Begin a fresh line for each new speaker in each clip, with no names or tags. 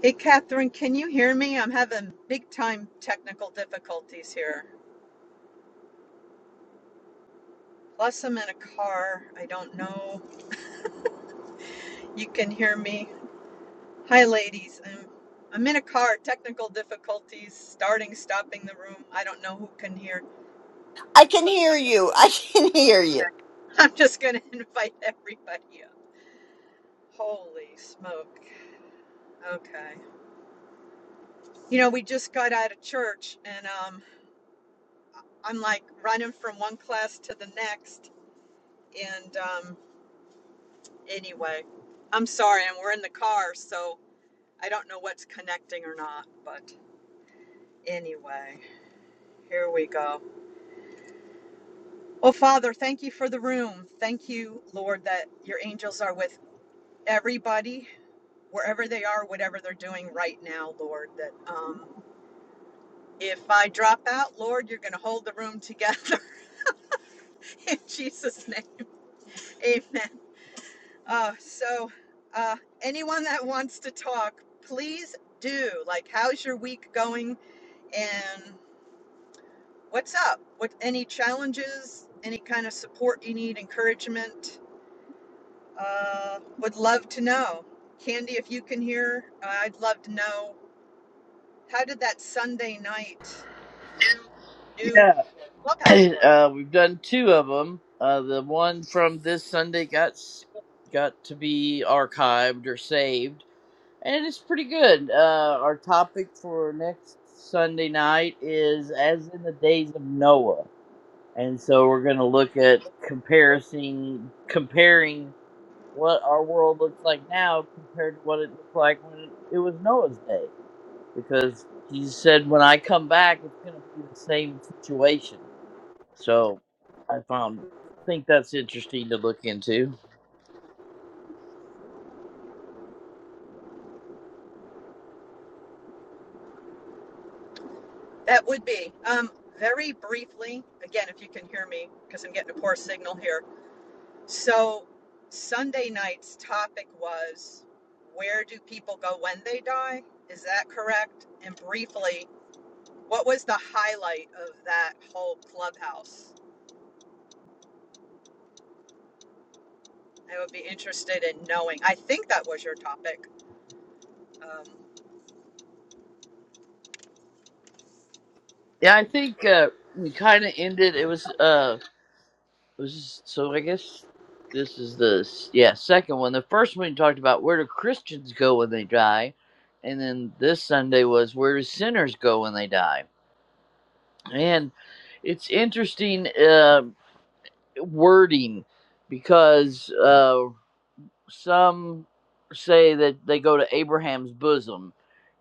Hey, Catherine, can you hear me? I'm having big time technical difficulties here. Plus, I'm in a car. I don't know. You can hear me. Hi, ladies. I'm, I'm in a car. Technical difficulties, starting, stopping the room. I don't know who can hear.
I can hear you. I can hear you.
I'm just going to invite everybody up. Holy smoke. Okay. You know, we just got out of church and um, I'm like running from one class to the next. And um, Anyway, I'm sorry, and we're in the car, so I don't know what's connecting or not, but anyway, here we go. Oh, Father, thank you for the room. Thank you, Lord, that your angels are with everybody, wherever they are, whatever they're doing right now, Lord. That um, if I drop out, Lord, you're going to hold the room together in Jesus' name. Amen. Uh, so, uh, anyone that wants to talk, please do. Like, how's your week going? And What's up? What any challenges? Any kind of support you need? Encouragement? Uh, would love to know. Candy, if you can hear, uh, I'd love to know how did that Sunday night new
Yeah,
clubhouse work?
uh, we've done two of them. Uh, the one from this Sunday got s- got to be archived or saved, and it's pretty good. Uh, our topic for next Sunday night is as in the days of Noah, and so we're going to look at comparing comparing what our world looks like now compared to what it looked like when it was Noah's day, because he said, "When I come back, it's going to be the same situation." So I found think that's interesting to look into.
That would be. Um, very briefly, again, if you can hear me, because I'm getting a poor signal here. So, Sunday night's topic was where do people go when they die? Is that correct? And briefly, What was the highlight of that whole clubhouse? I would be interested in knowing. I think that was your topic. Um,
Yeah, I think uh, we kind of ended. It was uh, it was so I guess this is the s- yeah second one. The first one we talked about where do Christians go when they die, and then this Sunday was where do sinners go when they die, and it's interesting uh, wording because. uh, some say that they go to Abraham's bosom,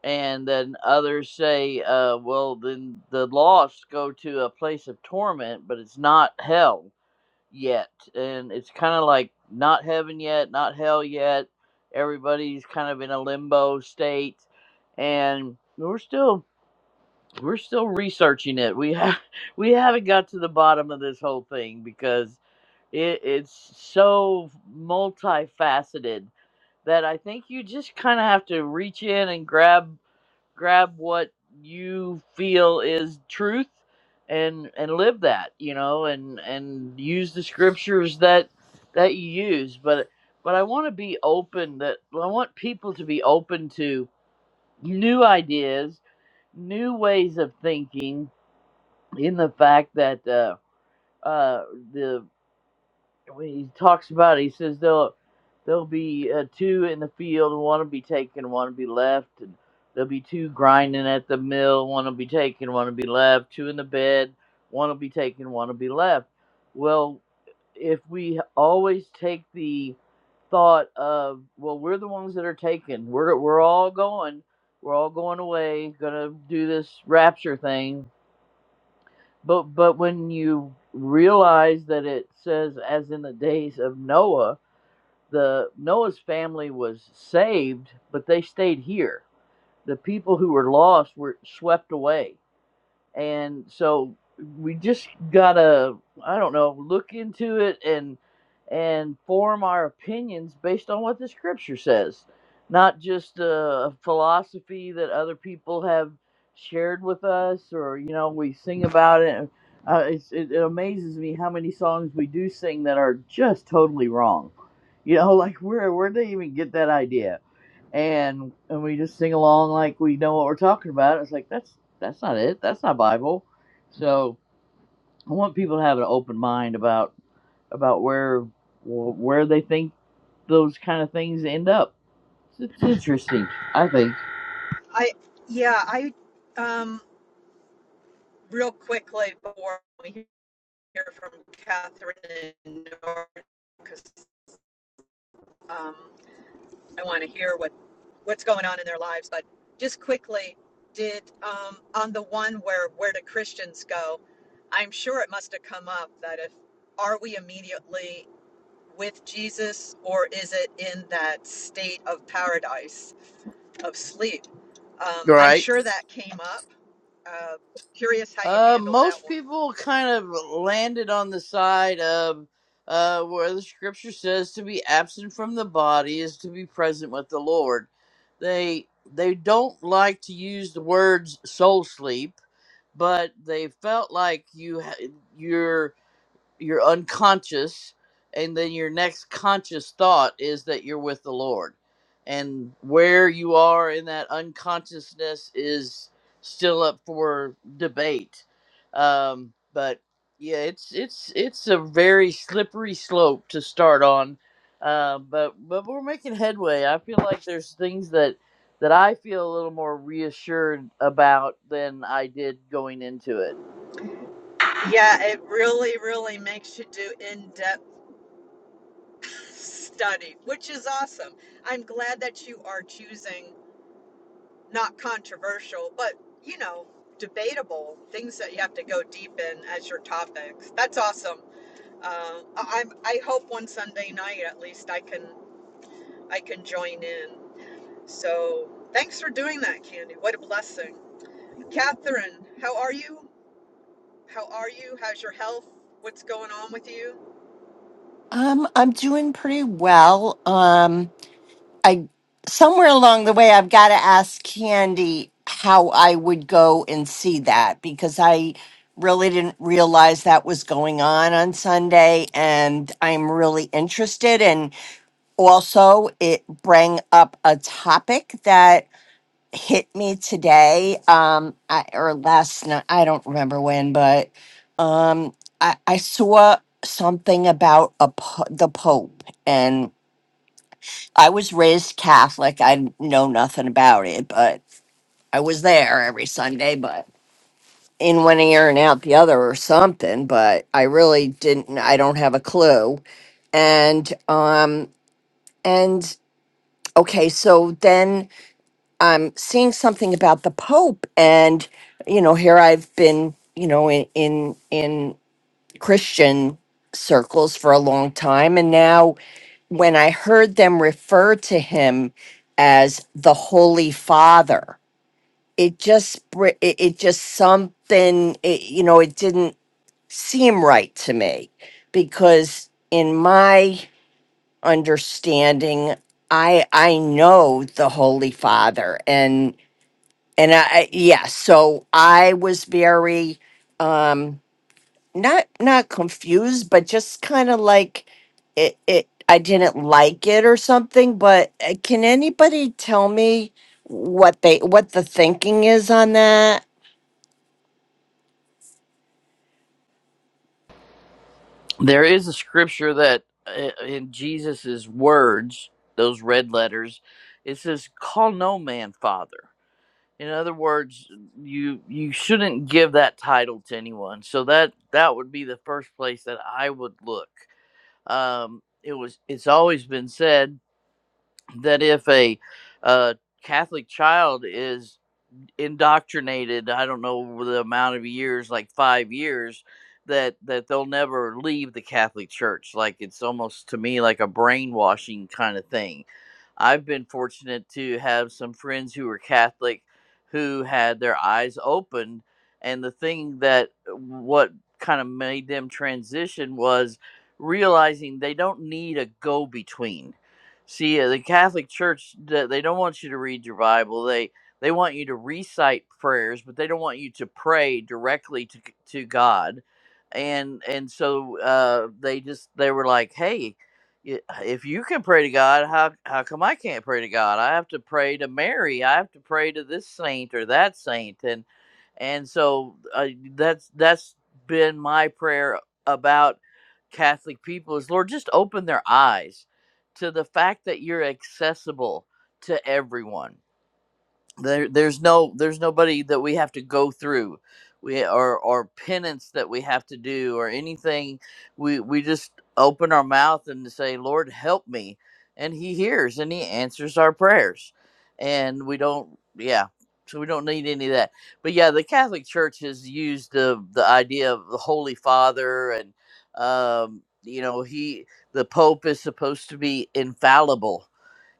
and then others say, uh, well, then the lost go to a place of torment, but it's not hell yet. And it's kind of like not heaven yet, not hell yet. Everybody's kind of in a limbo state, and we're still. We're still researching it. We ha- we haven't got to the bottom of this whole thing because it, it's so multifaceted that I think you just kind of have to reach in and grab grab what you feel is truth and and live that, you know, and and use the scriptures that that you use, but but I want to be open that I want people to be open to new ideas, new ways of thinking in the fact that uh uh the when he talks about it, he says there'll there'll be uh, two in the field, and one will be taken, one will be left, and there'll be two grinding at the mill, one will be taken, one will be left, two in the bed, one will be taken, one will be left. Well, if we always take the thought of well we're the ones that are taken we're we're all going we're all going away gonna do this rapture thing but but when you realize that it says, as in the days of Noah, the Noah's family was saved, but they stayed here. The people who were lost were swept away and so we just gotta i don't know look into it and and form our opinions based on what the scripture says not just a philosophy that other people have shared with us or you know we sing about it uh, it's, it, it amazes me how many songs we do sing that are just totally wrong you know like where where did they even get that idea and and we just sing along like we know what we're talking about. It's like that's that's not it. That's not Bible. So I want people to have an open mind about about where where they think those kind of things end up. It's, it's interesting, I think.
I yeah, I um, real quickly before we hear from Catherine and Nora because um, I want to hear what what's going on in their lives. But just quickly, did um, on the one where where do Christians go? I'm sure it must have come up that if are we immediately with Jesus, or is it in that state of paradise of sleep? Um, I'm
Right.
sure that came up. Uh, curious how you
Uh,
handled that
most
one.
people kind of landed on the side of uh, where the scripture says to be absent from the body is to be present with the Lord. They they don't like to use the words soul sleep but they felt like you ha- you're you're unconscious and then your next conscious thought is that you're with the lord and where you are in that unconsciousness is still up for debate um, but yeah it's it's it's a very slippery slope to start on uh, but but we're making headway i feel like there's things that that i feel a little more reassured about than i did going into it
Yeah, it really, really makes you do in depth study, which is awesome. I'm glad that you are choosing not controversial, but you know, debatable things that you have to go deep in as your topics. That's awesome. Uh, I- I'm, I hope one Sunday night at least I can I can join in. So thanks for doing that, Candy. What a blessing. Catherine, how are you? How are you? How's your health? What's going on with you?
Um, I'm doing pretty well. Um, I somewhere along the way, I've got to ask Candy how I would go and see that because I really didn't realize that was going on on Sunday, and I'm really interested. And also, it bring up a topic that hit me today um I, or last night i don't remember when but um i, I saw something about a po- the pope and i was raised catholic i know nothing about it but i was there every sunday but in one ear and out the other or something but i really didn't i don't have a clue and um and okay so then I'm seeing something about the Pope, and you know, here I've been, you know, in in in Christian circles for a long time, and now when I heard them refer to him as the Holy Father, it just br- it, it just something, it, you know, it didn't seem right to me because in my understanding, I I know the Holy Father, and I, I yeah, so I was very um not not confused, but just kind of like it it I didn't like it or something, but uh, can anybody tell me what they what the thinking is on that?
There is a scripture that uh, in Jesus's words, those red letters, it says, "Call no man father." In other words, you you shouldn't give that title to anyone. So that that would be the first place that I would look. Um, it was it's always been said that if a uh, Catholic child is indoctrinated i don't know the amount of years like five years that that they'll never leave the catholic church like it's almost to me like a brainwashing kind of thing i've been fortunate to have some friends who were catholic who had their eyes open and the thing that uh, what kind of made them transition was realizing they don't need a go between see uh, the catholic church th- they don't want you to read your bible they they want you to recite prayers, but they don't want you to pray directly to to God. And and so uh, they just they were like, hey, y- if you can pray to God, how how come I can't pray to God? I have to pray to Mary. I have to pray to this saint or that saint, and and so uh, that's that's been my prayer about Catholic people is Lord, just open their eyes to the fact that you're accessible to everyone there there's no there's nobody that we have to go through we or or penance that we have to do or anything we we just open our mouth and say lord help me and he hears and he answers our prayers and we don't yeah so we don't need any of that but yeah the catholic church has used the the idea of the holy father and um you know he the pope is supposed to be infallible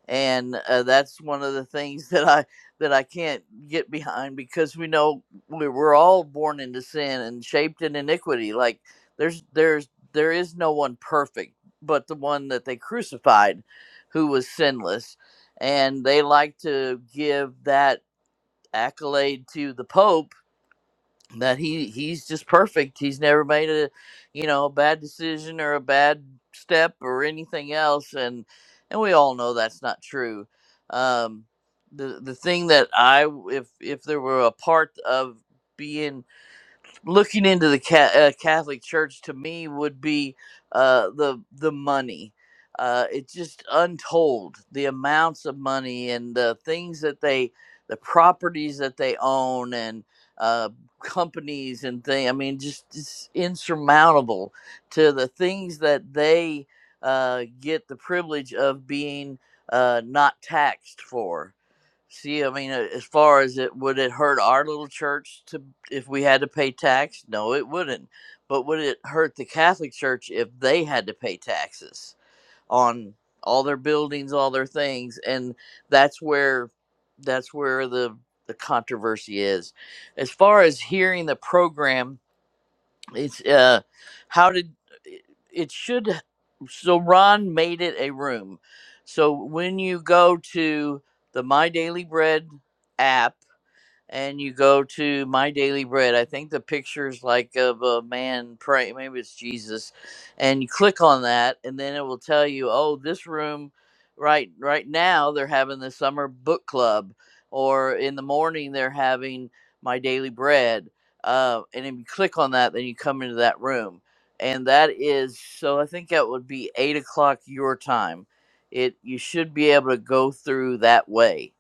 and uh, that's one of the things that I that I can't get behind because we know we we're all born into sin and shaped in iniquity. Like there's there's there is no one perfect, but the one that they crucified, who was sinless, and they like to give that accolade to the Pope that he he's just perfect. He's never made a you know a bad decision or a bad step or anything else, and and we all know that's not true. Um, the the thing that I w- if if there were a part of being looking into the ca- uh, Catholic Church to me would be uh, the the money. Uh, it's just untold the amounts of money and the things that they, the properties that they own and uh, companies and thing. I mean, just it's insurmountable to the things that they uh, get the privilege of being uh, not taxed for See, I mean, uh, as far as it would it hurt our little church to if we had to pay tax? No, it wouldn't. But would it hurt the Catholic Church if they had to pay taxes on all their buildings, all their things? And that's where that's where the the controversy is. As far as hearing the program it's uh, how did it should so Ron made it a room. So when you go to the My Daily Bread app and you go to my daily bread i think the picture's like of a man praying maybe it's jesus and you click on that and then it will tell you oh this room right right now they're having the summer book club or in the morning they're having my daily bread uh, and if you click on that then you come into that room and that is so i think that would be eight o'clock your time it you should be able to go through that way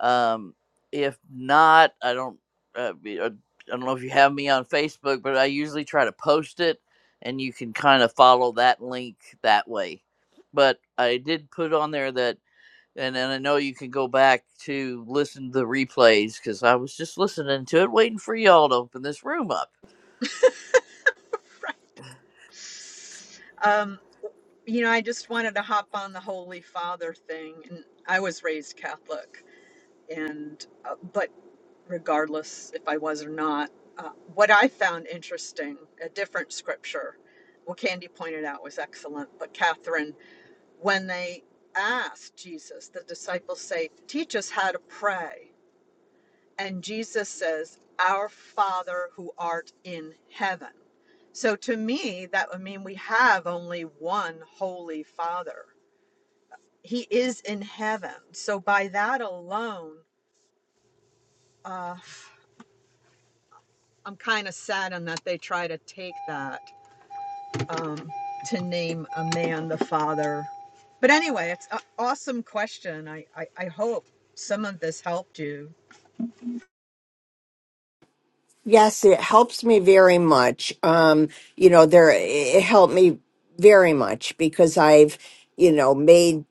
Um, if not, I don't. Uh, be- uh, I don't know if you have me on Facebook, but I usually try to post it, and you can kind of follow that link that way. But I did put on there that, and and I know you can go back to listen to the replays because I was just listening to it, waiting for y'all to open this room up.
Um, you know, I just wanted to hop on the Holy Father thing, and I was raised Catholic, and uh, but regardless if I was or not, uh, what I found interesting, a different scripture, well, Candy pointed out was excellent, but Catherine when they asked Jesus, the disciples say, Teach us how to pray. And Jesus says, Our Father who art in heaven. So to me, that would mean we have only one holy Father. He is in heaven. So by that alone, uh, I'm kind of saddened that they try to take that um, to name a man the Father. But anyway, it's an awesome question. I, I, I hope some of this helped you.
Yes, it helps me very much. Um, you know, there it helped me very much because I've, you know, made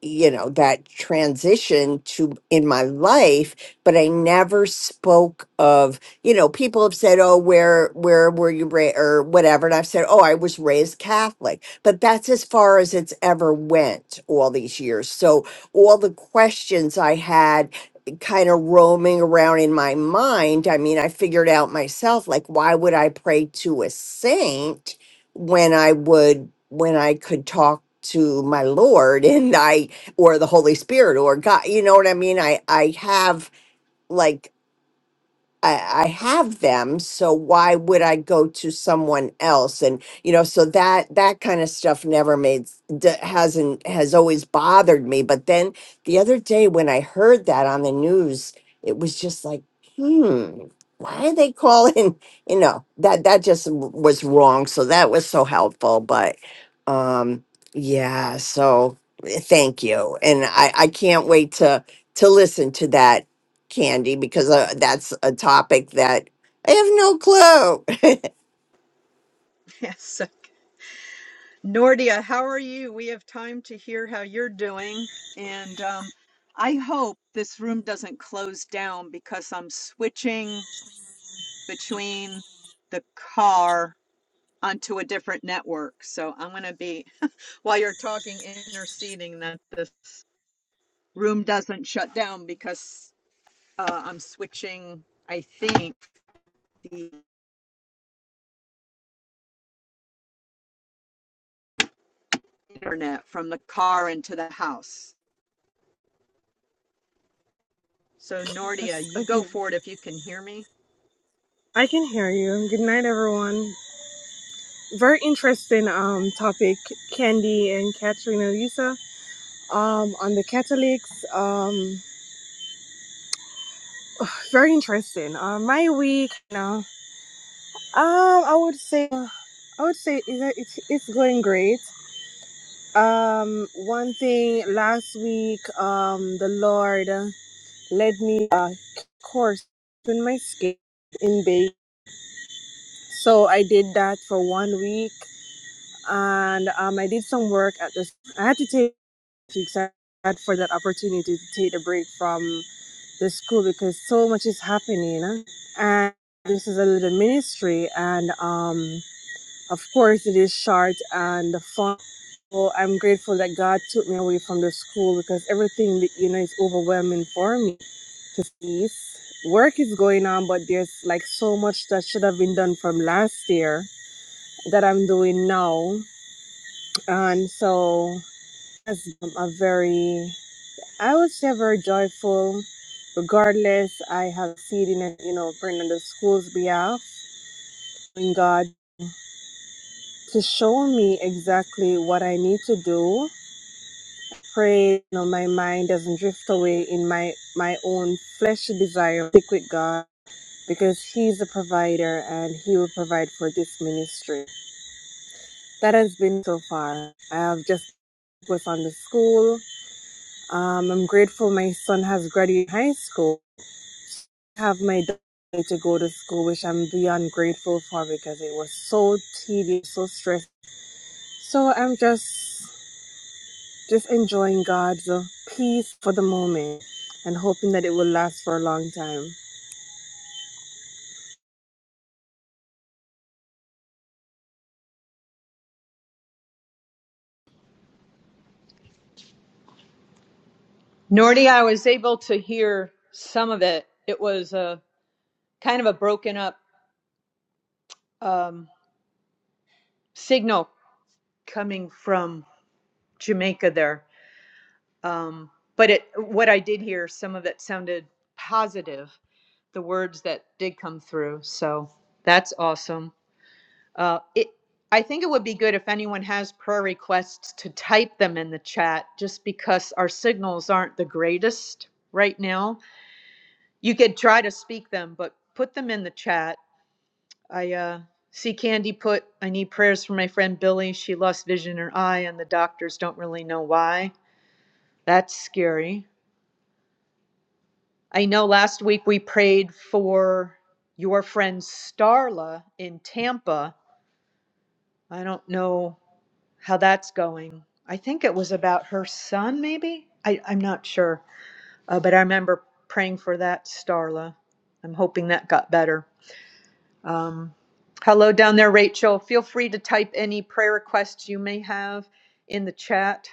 you know that transition to in my life but i never spoke of you know people have said oh where where were you raised or whatever and i've said oh i was raised catholic but that's as far as it's ever went all these years so all the questions i had kind of roaming around in my mind i mean i figured out myself like why would i pray to a saint when i would when i could talk to my lord and i or the Holy Spirit or God. You know what I mean? I I have like I, I have them, so why would I go to someone else? And you know, so that that kind of stuff never made s- d- hasn't has always bothered me. But then the other day when I heard that on the news, it was just like, hmm, why are they calling? You know, that that just w- was wrong. So that was so helpful. But um, yeah, so eh, thank you, and I I can't wait to to listen to that Candy, because uh, that's a topic that I have no clue.
Yes. so, Nordia, how are you? We have time to hear how you're doing. And um, I hope this room doesn't close down because I'm switching between the car onto a different network. So I'm going to be, while you're talking, interceding that this room doesn't shut down because uh, I'm switching, I think, the internet from the car into the house. So, Nordia,
That's
you go
again.
for it if you can hear me.
I can hear you. Good night, everyone. Very interesting um topic, Candy and Katrina Lisa. Um, on the Catholics. Um, very interesting. Uh, my week now. Um, I would say I would say it- it's it's going great. Um, one thing last week, um, the Lord led me uh course in my skin in bake. So I did that for one week. and um, I did some work at this. I had to take I had for that opportunity to take a break from the school because so much is happening, huh? and this is a little ministry, and um, of course it is short and fun. So I'm grateful that God took me away from the school because everything that you know is overwhelming for me to see. Work is going on, but there's like so much that should have been done from last year that I'm doing now, and so as um, a very i would say very joyful regardless i have seen in it, you know praying on the school's behalf in god to show me exactly what i need to do pray you know my mind doesn't drift away in my my own fleshy desire stick with god because he's the provider and he will provide for this ministry that has been so far i have just was on the school um, i'm grateful my son has graduated high school have my daughter to go to school, which I'm beyond grateful for because it was so tedious, so stressful. So I'm just just enjoying God's uh, peace for the moment and hoping that it will last for a long time.
Nordy, I was able to hear some of it. It was a kind of a broken up um, signal coming from Jamaica there. Um, but it, what I did hear, some of it sounded positive, the words that did come through. So that's awesome. Uh, it, I think it would be good if anyone has prayer requests to type them in the chat, just because our signals aren't the greatest right now. You could try to speak them, but put them in the chat I uh, see Candy put, I need prayers for my friend Billy. She lost vision in her eye, and the doctors don't really know why. That's scary. I know last week we prayed for your friend Starla in Tampa. I don't know how that's going. I think it was about her son, maybe? I, I'm not sure. Uh, but I remember praying for that Starla. I'm hoping that got better. Um, hello down there, Rachel. Feel free to type any prayer requests you may have in the chat.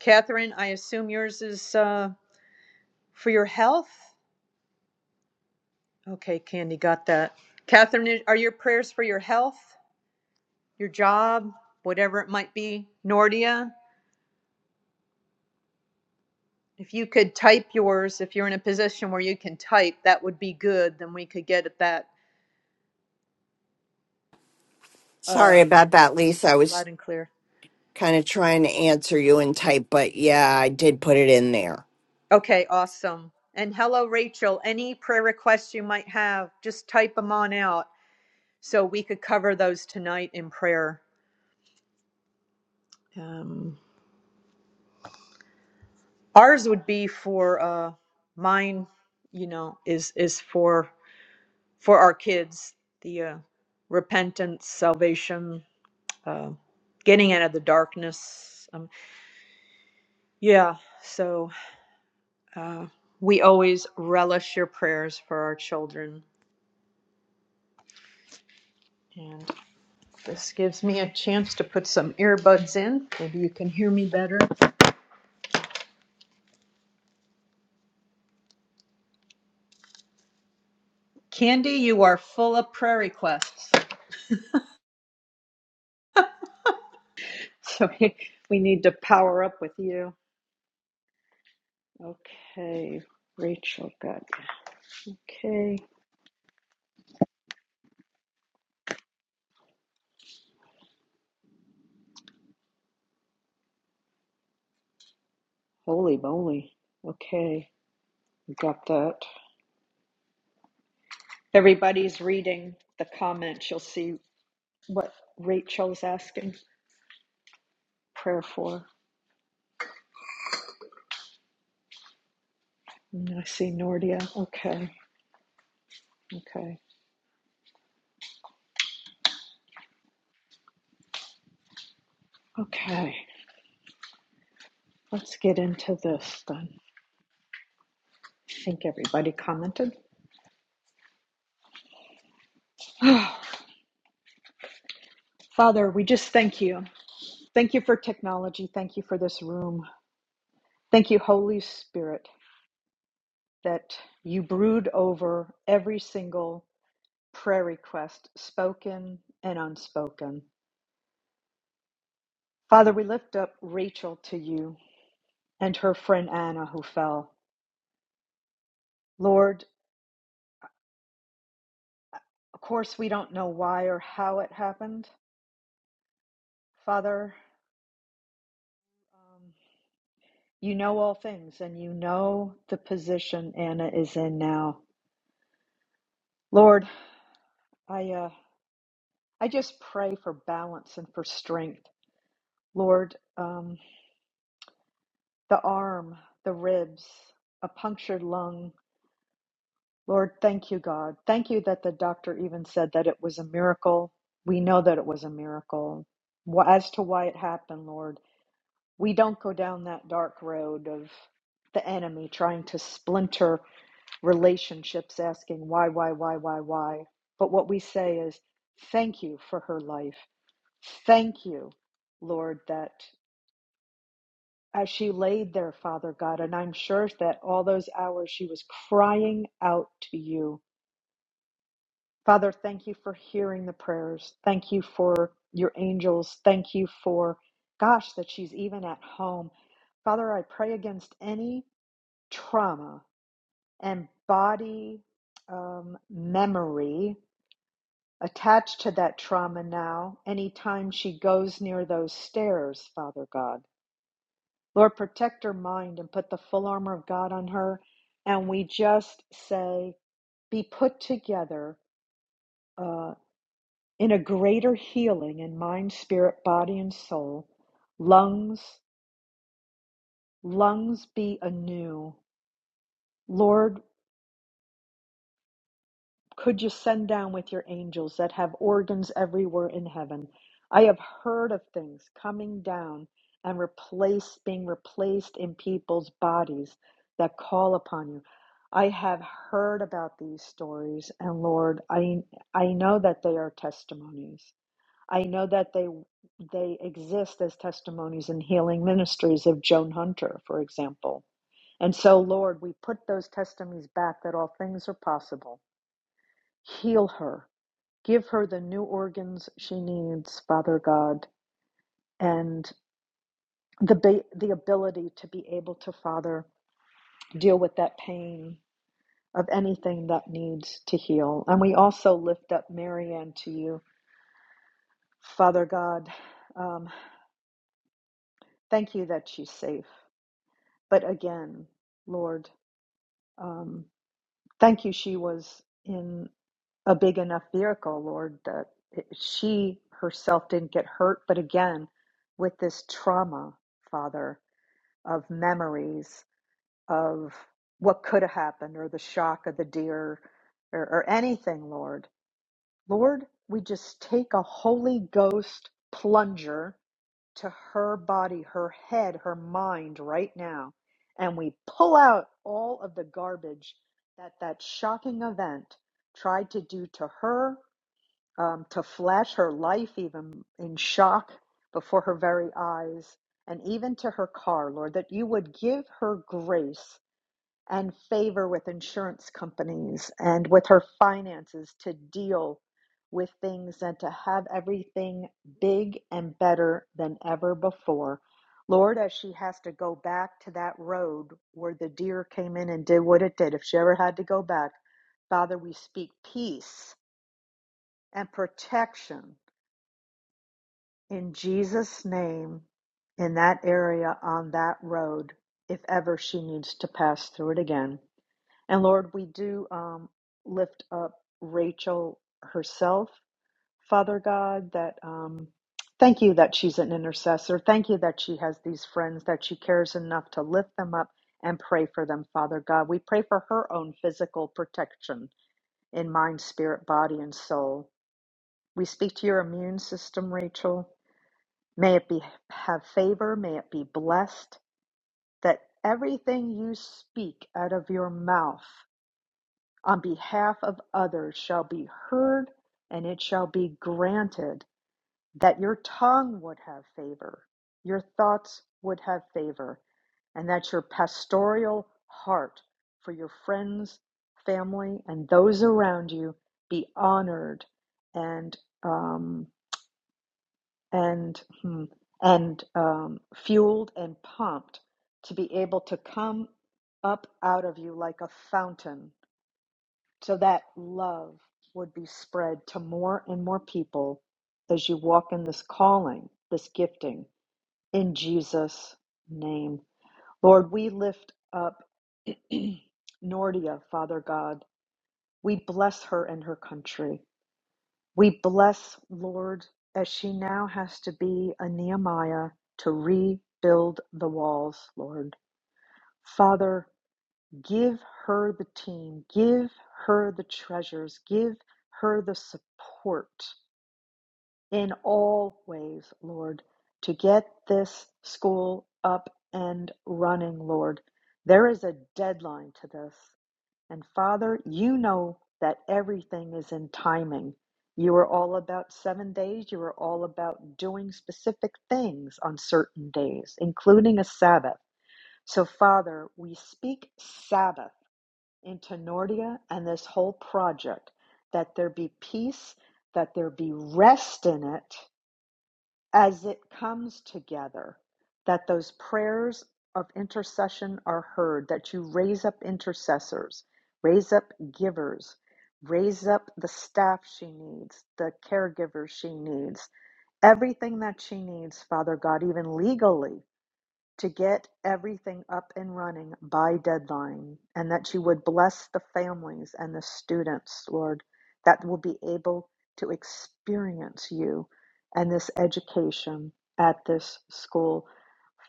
Catherine, I assume yours is uh, for your health. Okay, Candy got that. Catherine, are your prayers for your health, your job, whatever it might be? Nordia, if you could type yours, if you're in a position where you can type, that would be good. Then we could get at that uh,
Sorry about that, Lisa. I
loud
was
and clear.
kind of trying to answer you in type, but yeah, I did put it in there.
Okay, awesome. And hello, Rachel. Any prayer requests you might have, just type them on out so we could cover those tonight in prayer. Um, ours would be for uh, mine. You know, is is for for our kids the uh, repentance, salvation, uh, getting out of the darkness. Um, yeah. So uh, we always relish your prayers for our children. and This gives me a chance to put some earbuds in. Maybe you can hear me better. Candy, you are full of prayer requests. So we, we need to power up with you. Okay, Rachel got. Okay, holy moly. Okay, we got that. Everybody's reading the comments. You'll see what Rachel's asking prayer for. And I see Nordia. Okay, okay, okay. Let's get into this then. I think everybody commented. Oh, Father, we just thank you. Thank you for technology. Thank you for this room. Thank you, Holy Spirit, that you brood over every single prayer request, spoken and unspoken. Father, we lift up Rachel to you and her friend Anna who fell. Lord, of course, we don't know why or how it happened. Father, um, you know all things and you know the position Anna is in now. Lord, I uh, I just pray for balance and for strength, Lord. Um, the arm, the ribs, a punctured lung. Lord, thank you, God. Thank you that the doctor even said that it was a miracle. We know that it was a miracle. Wh- As to why it happened, Lord, we don't go down that dark road of the enemy trying to splinter relationships, asking why, why, why, why, why. But what we say is, thank you for her life. Thank you, Lord, that as she laid there, Father God, and I'm sure that all those hours she was crying out to you. Father, thank you for hearing the prayers. Thank you for your angels. Thank you for, gosh, that she's even at home. Father, I pray against any trauma and body um, memory attached to that trauma now, anytime she goes near those stairs, Father God. Lord, protect her mind and put the full armor of God on her. And we just say, be put together uh, in a greater healing in mind, spirit, body, and soul. Lungs, lungs be anew. Lord, Could you send down with your angels that have organs everywhere in heaven? I have heard of things coming down and replaced, being replaced in people's bodies that call upon you. I have heard about these stories, and Lord, I I know that they are testimonies. I know that they they exist as testimonies in healing ministries of Joan Hunter, for example. And so, Lord, we put those testimonies back that all things are possible. Heal her Give her the new organs she needs, Father God, and the ba- the ability to be able to, Father, deal with that pain of anything that needs to heal. And we also lift up Marianne to you, Father God. Um, thank you that she's safe. But again, Lord, um, thank you she was in a big enough vehicle, Lord, that it, she herself didn't get hurt. But again, with this trauma, Father. of memories of what could have happened or the shock of the deer or, or anything, Lord. Lord, we just take a Holy Ghost plunger to her body, her head, her mind right now, and we pull out all of the garbage that that shocking event tried to do to her um, to flash her life even in shock before her very eyes, and even to her car, Lord, that you would give her grace and favor with insurance companies and with her finances to deal with things and to have everything big and better than ever before. Lord, as she has to go back to that road where the deer came in and did what it did, if she ever had to go back, Father, we speak peace and protection in Jesus' name, in that area on that road, if ever she needs to pass through it again. And Lord, we do um, lift up Rachel herself, Father God, that um, thank you that she's an intercessor. Thank you that she has these friends, that she cares enough to lift them up and pray for them, Father God. We pray for her own physical protection in mind, spirit, body, and soul. We speak to your immune system, Rachel. May it be have favor, may it be blessed, that everything you speak out of your mouth on behalf of others shall be heard, and it shall be granted that your tongue would have favor, your thoughts would have favor, and that your pastoral heart for your friends, family, and those around you be honored and um and hmm, and um, fueled and pumped to be able to come up out of you like a fountain, so that love would be spread to more and more people as you walk in this calling, this gifting, in Jesus' name, Lord. We lift up Nordia, Father God. We bless her and her country. We bless, Lord, as she now has to be a Nehemiah to rebuild the walls, Lord. Father, give her the team, give her the treasures, give her the support in all ways, Lord, to get this school up and running, Lord. There is a deadline to this. And Father, you know that everything is in timing. You are all about seven days. You are all about doing specific things on certain days, including a Sabbath. So, Father, we speak Sabbath into Nordia and this whole project that there be peace, that there be rest in it, as it comes together, that those prayers of intercession are heard, that you raise up intercessors, raise up givers, raise up the staff she needs, the caregivers she needs, everything that she needs, Father God, even legally to get everything up and running by deadline and that you would bless the families and the students, Lord, that will be able to experience you and this education at this school.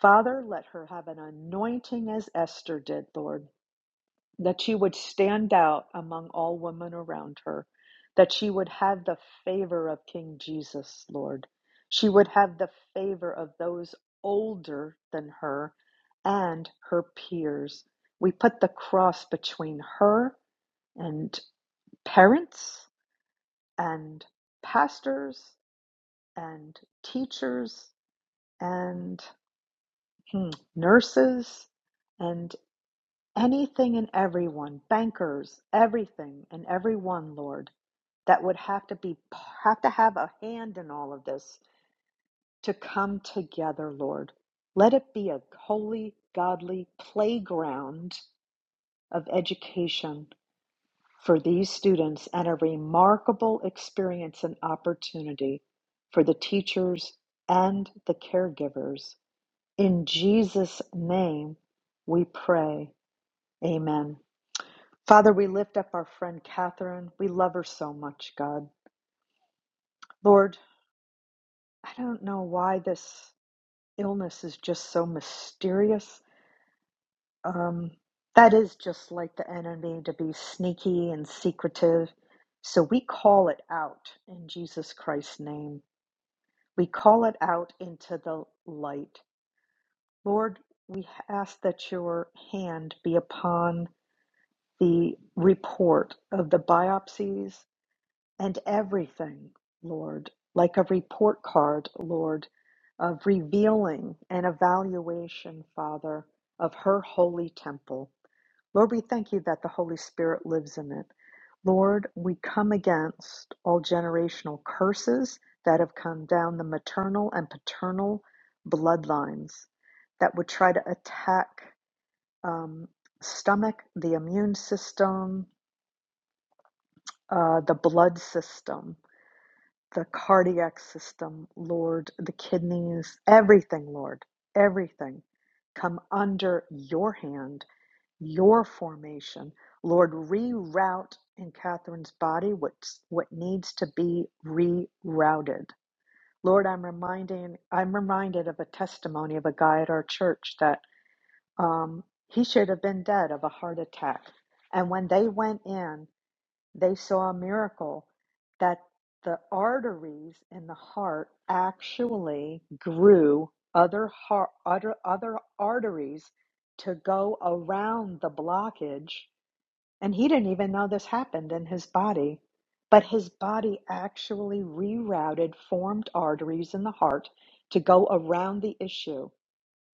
Father, let her have an anointing as Esther did, Lord that she would stand out among all women around her, that she would have the favor of King Jesus, Lord. She would have the favor of those older than her and her peers. We put the cross between her and parents and pastors and teachers and hmm, nurses. And Anything and everyone, bankers, everything and everyone, Lord, that would have to be have to have a hand in all of this to come together, Lord. Let it be a holy, godly playground of education for these students and a remarkable experience and opportunity for the teachers and the caregivers. In Jesus' name we pray. Amen. Father, we lift up our friend Catherine. We love her so much, God. Lord, I don't know why this illness is just so mysterious. Um, that is just like the enemy to be sneaky and secretive. So we call it out in Jesus Christ's name. We call it out into the light. Lord, we ask that your hand be upon the report of the biopsies And everything, Lord, like a report card, Lord, of revealing and evaluation, Father, of her holy temple. Lord, we thank you that the Holy Spirit lives in it. Lord, we come against all generational curses that have come down the maternal and paternal bloodlines that would try to attack um, stomach, the immune system, uh, the blood system. the cardiac system, Lord, the kidneys, everything, Lord, everything come under your hand, your formation. Lord, reroute in Catherine's body what's what needs to be rerouted. Lord, I'm reminding I'm reminded of a testimony of a guy at our church that um, he should have been dead of a heart attack. And when they went in they saw a miracle that the arteries in the heart actually grew other heart, other, other arteries to go around the blockage. And he didn't even know this happened in his body. But his body actually rerouted formed arteries in the heart to go around the issue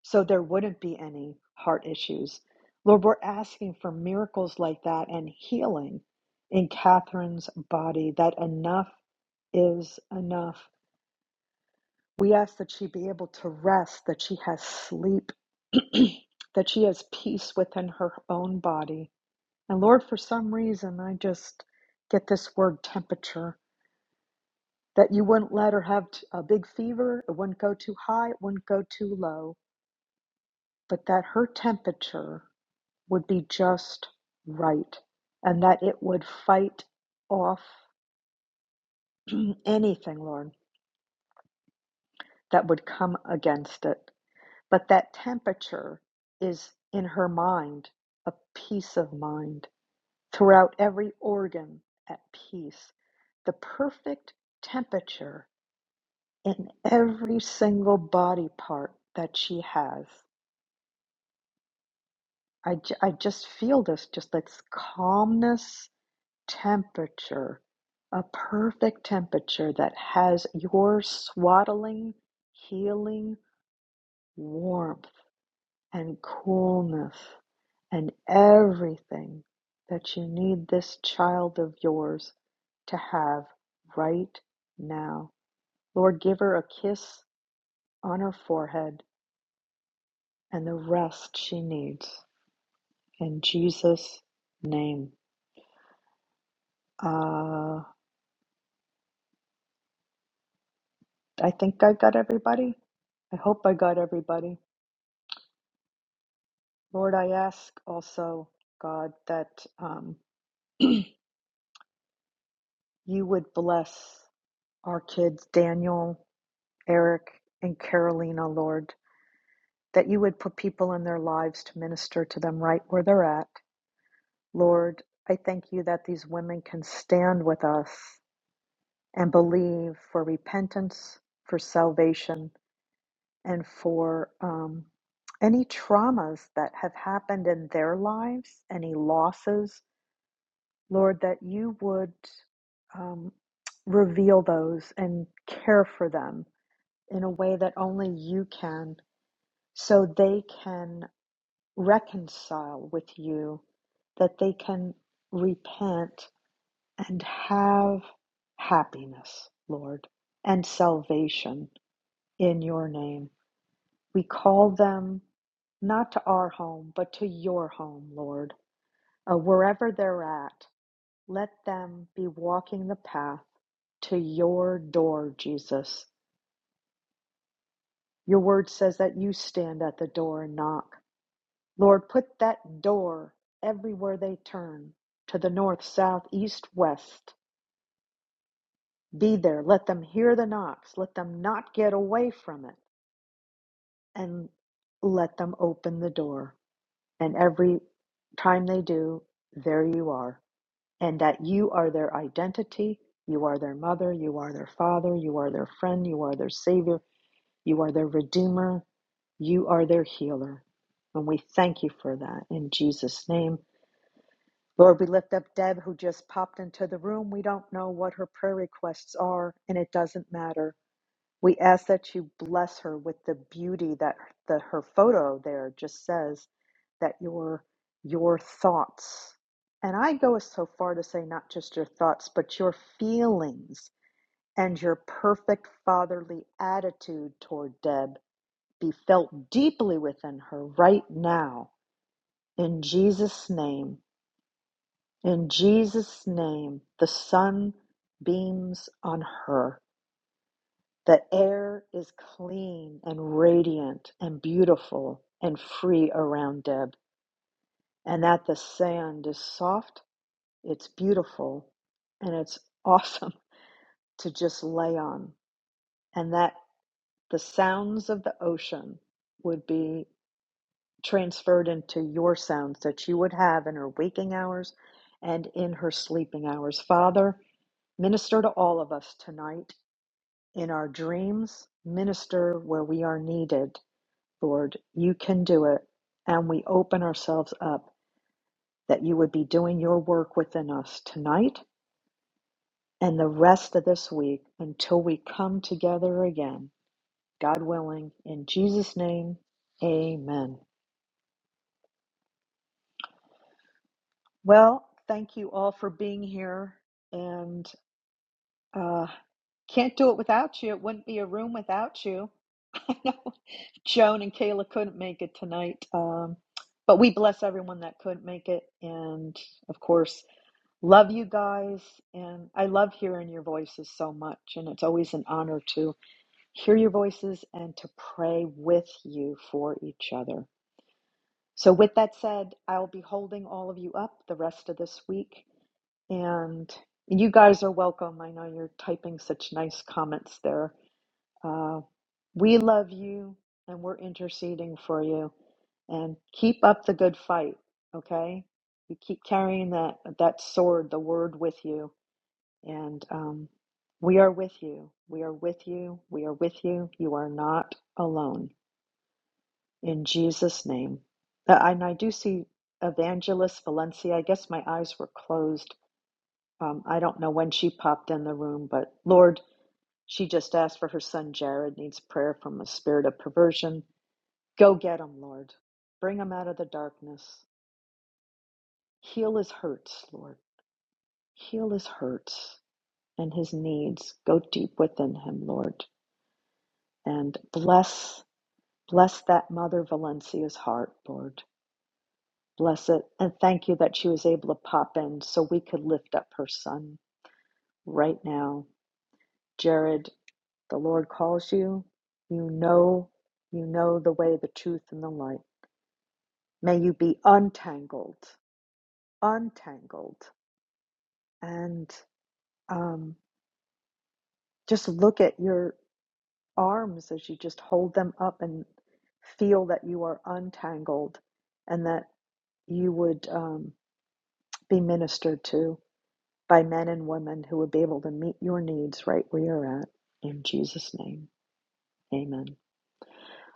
so there wouldn't be any heart issues. Lord, we're asking for miracles like that and healing in Catherine's body, that enough is enough. We ask that she be able to rest, that she has sleep, that she has peace within her own body. And Lord, for some reason, I just get this word temperature that you wouldn't let her have a big fever, it wouldn't go too high, it wouldn't go too low, but that her temperature would be just right and that it would fight off anything, Lord, that would come against it. But that temperature is in her mind, a peace of mind, throughout every organ at peace, the perfect temperature in every single body part that she has. I, j- I just feel this, just this calmness temperature, a perfect temperature that has your swaddling, healing warmth and coolness and everything that you need this child of yours to have right now. Lord, give her a kiss on her forehead and the rest she needs. In Jesus' name. Uh, I think I got everybody. I hope I got everybody. Lord, I ask also, God, that um, you would bless our kids, Daniel, Eric, and Carolina, Lord, that you would put people in their lives to minister to them right where they're at. Lord, I thank you that these women can stand with us and believe for repentance, for salvation, and for um, any traumas that have happened in their lives, any losses Lord, that you would um, reveal those and care for them in a way that only you can, so they can reconcile with you, that they can repent and have happiness, Lord, and salvation in your name. We call them not to our home, but to your home, Lord. Uh, wherever they're at, let them be walking the path to your door, Jesus. Your word says that you stand at the door and knock. Lord, put that door everywhere they turn to the north, south, east, west. Be there. Let them hear the knocks. Let them not get away from it. And let them open the door. And every time they do, there you are. And that you are their identity. You are their mother. You are their father. You are their friend. You are their savior. You are their Redeemer. You are their healer. And we thank you for that in Jesus' name. Lord, we lift up Deb, who just popped into the room. We don't know what her prayer requests are, and it doesn't matter. We ask that you bless her with the beauty that the, her photo there just says that your your thoughts, and I go so far to say not just your thoughts, but your feelings and your perfect fatherly attitude toward Deb be felt deeply within her right now. In Jesus' name, in Jesus' name, the sun beams on her. The air is clean and radiant and beautiful and free around Deb, and that the sand is soft, it's beautiful, and it's awesome to just lay on, and that the sounds of the ocean would be. transferred into your sounds that you would have in her waking hours and in her sleeping hours. Father, minister to all of us tonight in our dreams, minister where we are needed. Lord, you can do it. And we open ourselves up that you would be doing your work within us tonight and the rest of this week until we come together again. God willing, in Jesus' name, amen. Well, thank you all for being here. And uh, can't do it without you. It wouldn't be a room without you. I know Joan and Kayla couldn't make it tonight. Um, but we bless everyone that couldn't make it. And of course, love you guys. And I love hearing your voices so much. And it's always an honor to hear your voices and to pray with you for each other. So, with that said, I will be holding all of you up the rest of this week. And you guys are welcome. I know you're typing such nice comments there. Uh, we love you and we're interceding for you. And keep up the good fight, okay? You keep carrying that, that sword, the word with you. And um, we are with you. We are with you. We are with you. You are not alone. In Jesus' name. Uh, And I do see Evangelist Valencia. I guess my eyes were closed. Um, I don't know when she popped in the room, but Lord, she just asked for her son Jared, needs prayer from a spirit of perversion. Go get him, Lord. Bring him out of the darkness. Heal his hurts, Lord. Heal his hurts and his needs. Go deep within him, Lord. And bless, bless that mother Valencia's heart, Lord. Bless it. And thank you that she was able to pop in so we could lift up her son right now. Jared, The Lord calls you. You know, you know the way, the truth, and the light. May you be untangled, untangled, and um, just look at your arms as you just hold them up and feel that you are untangled, and that you would um, be ministered to by men and women who would be able to meet your needs right where you're at. In Jesus' name, Amen.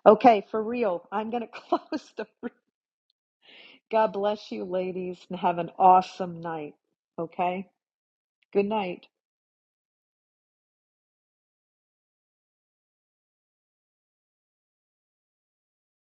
Okay, for real, I'm going to close the God bless you, ladies, and have an awesome night. Okay? Good night.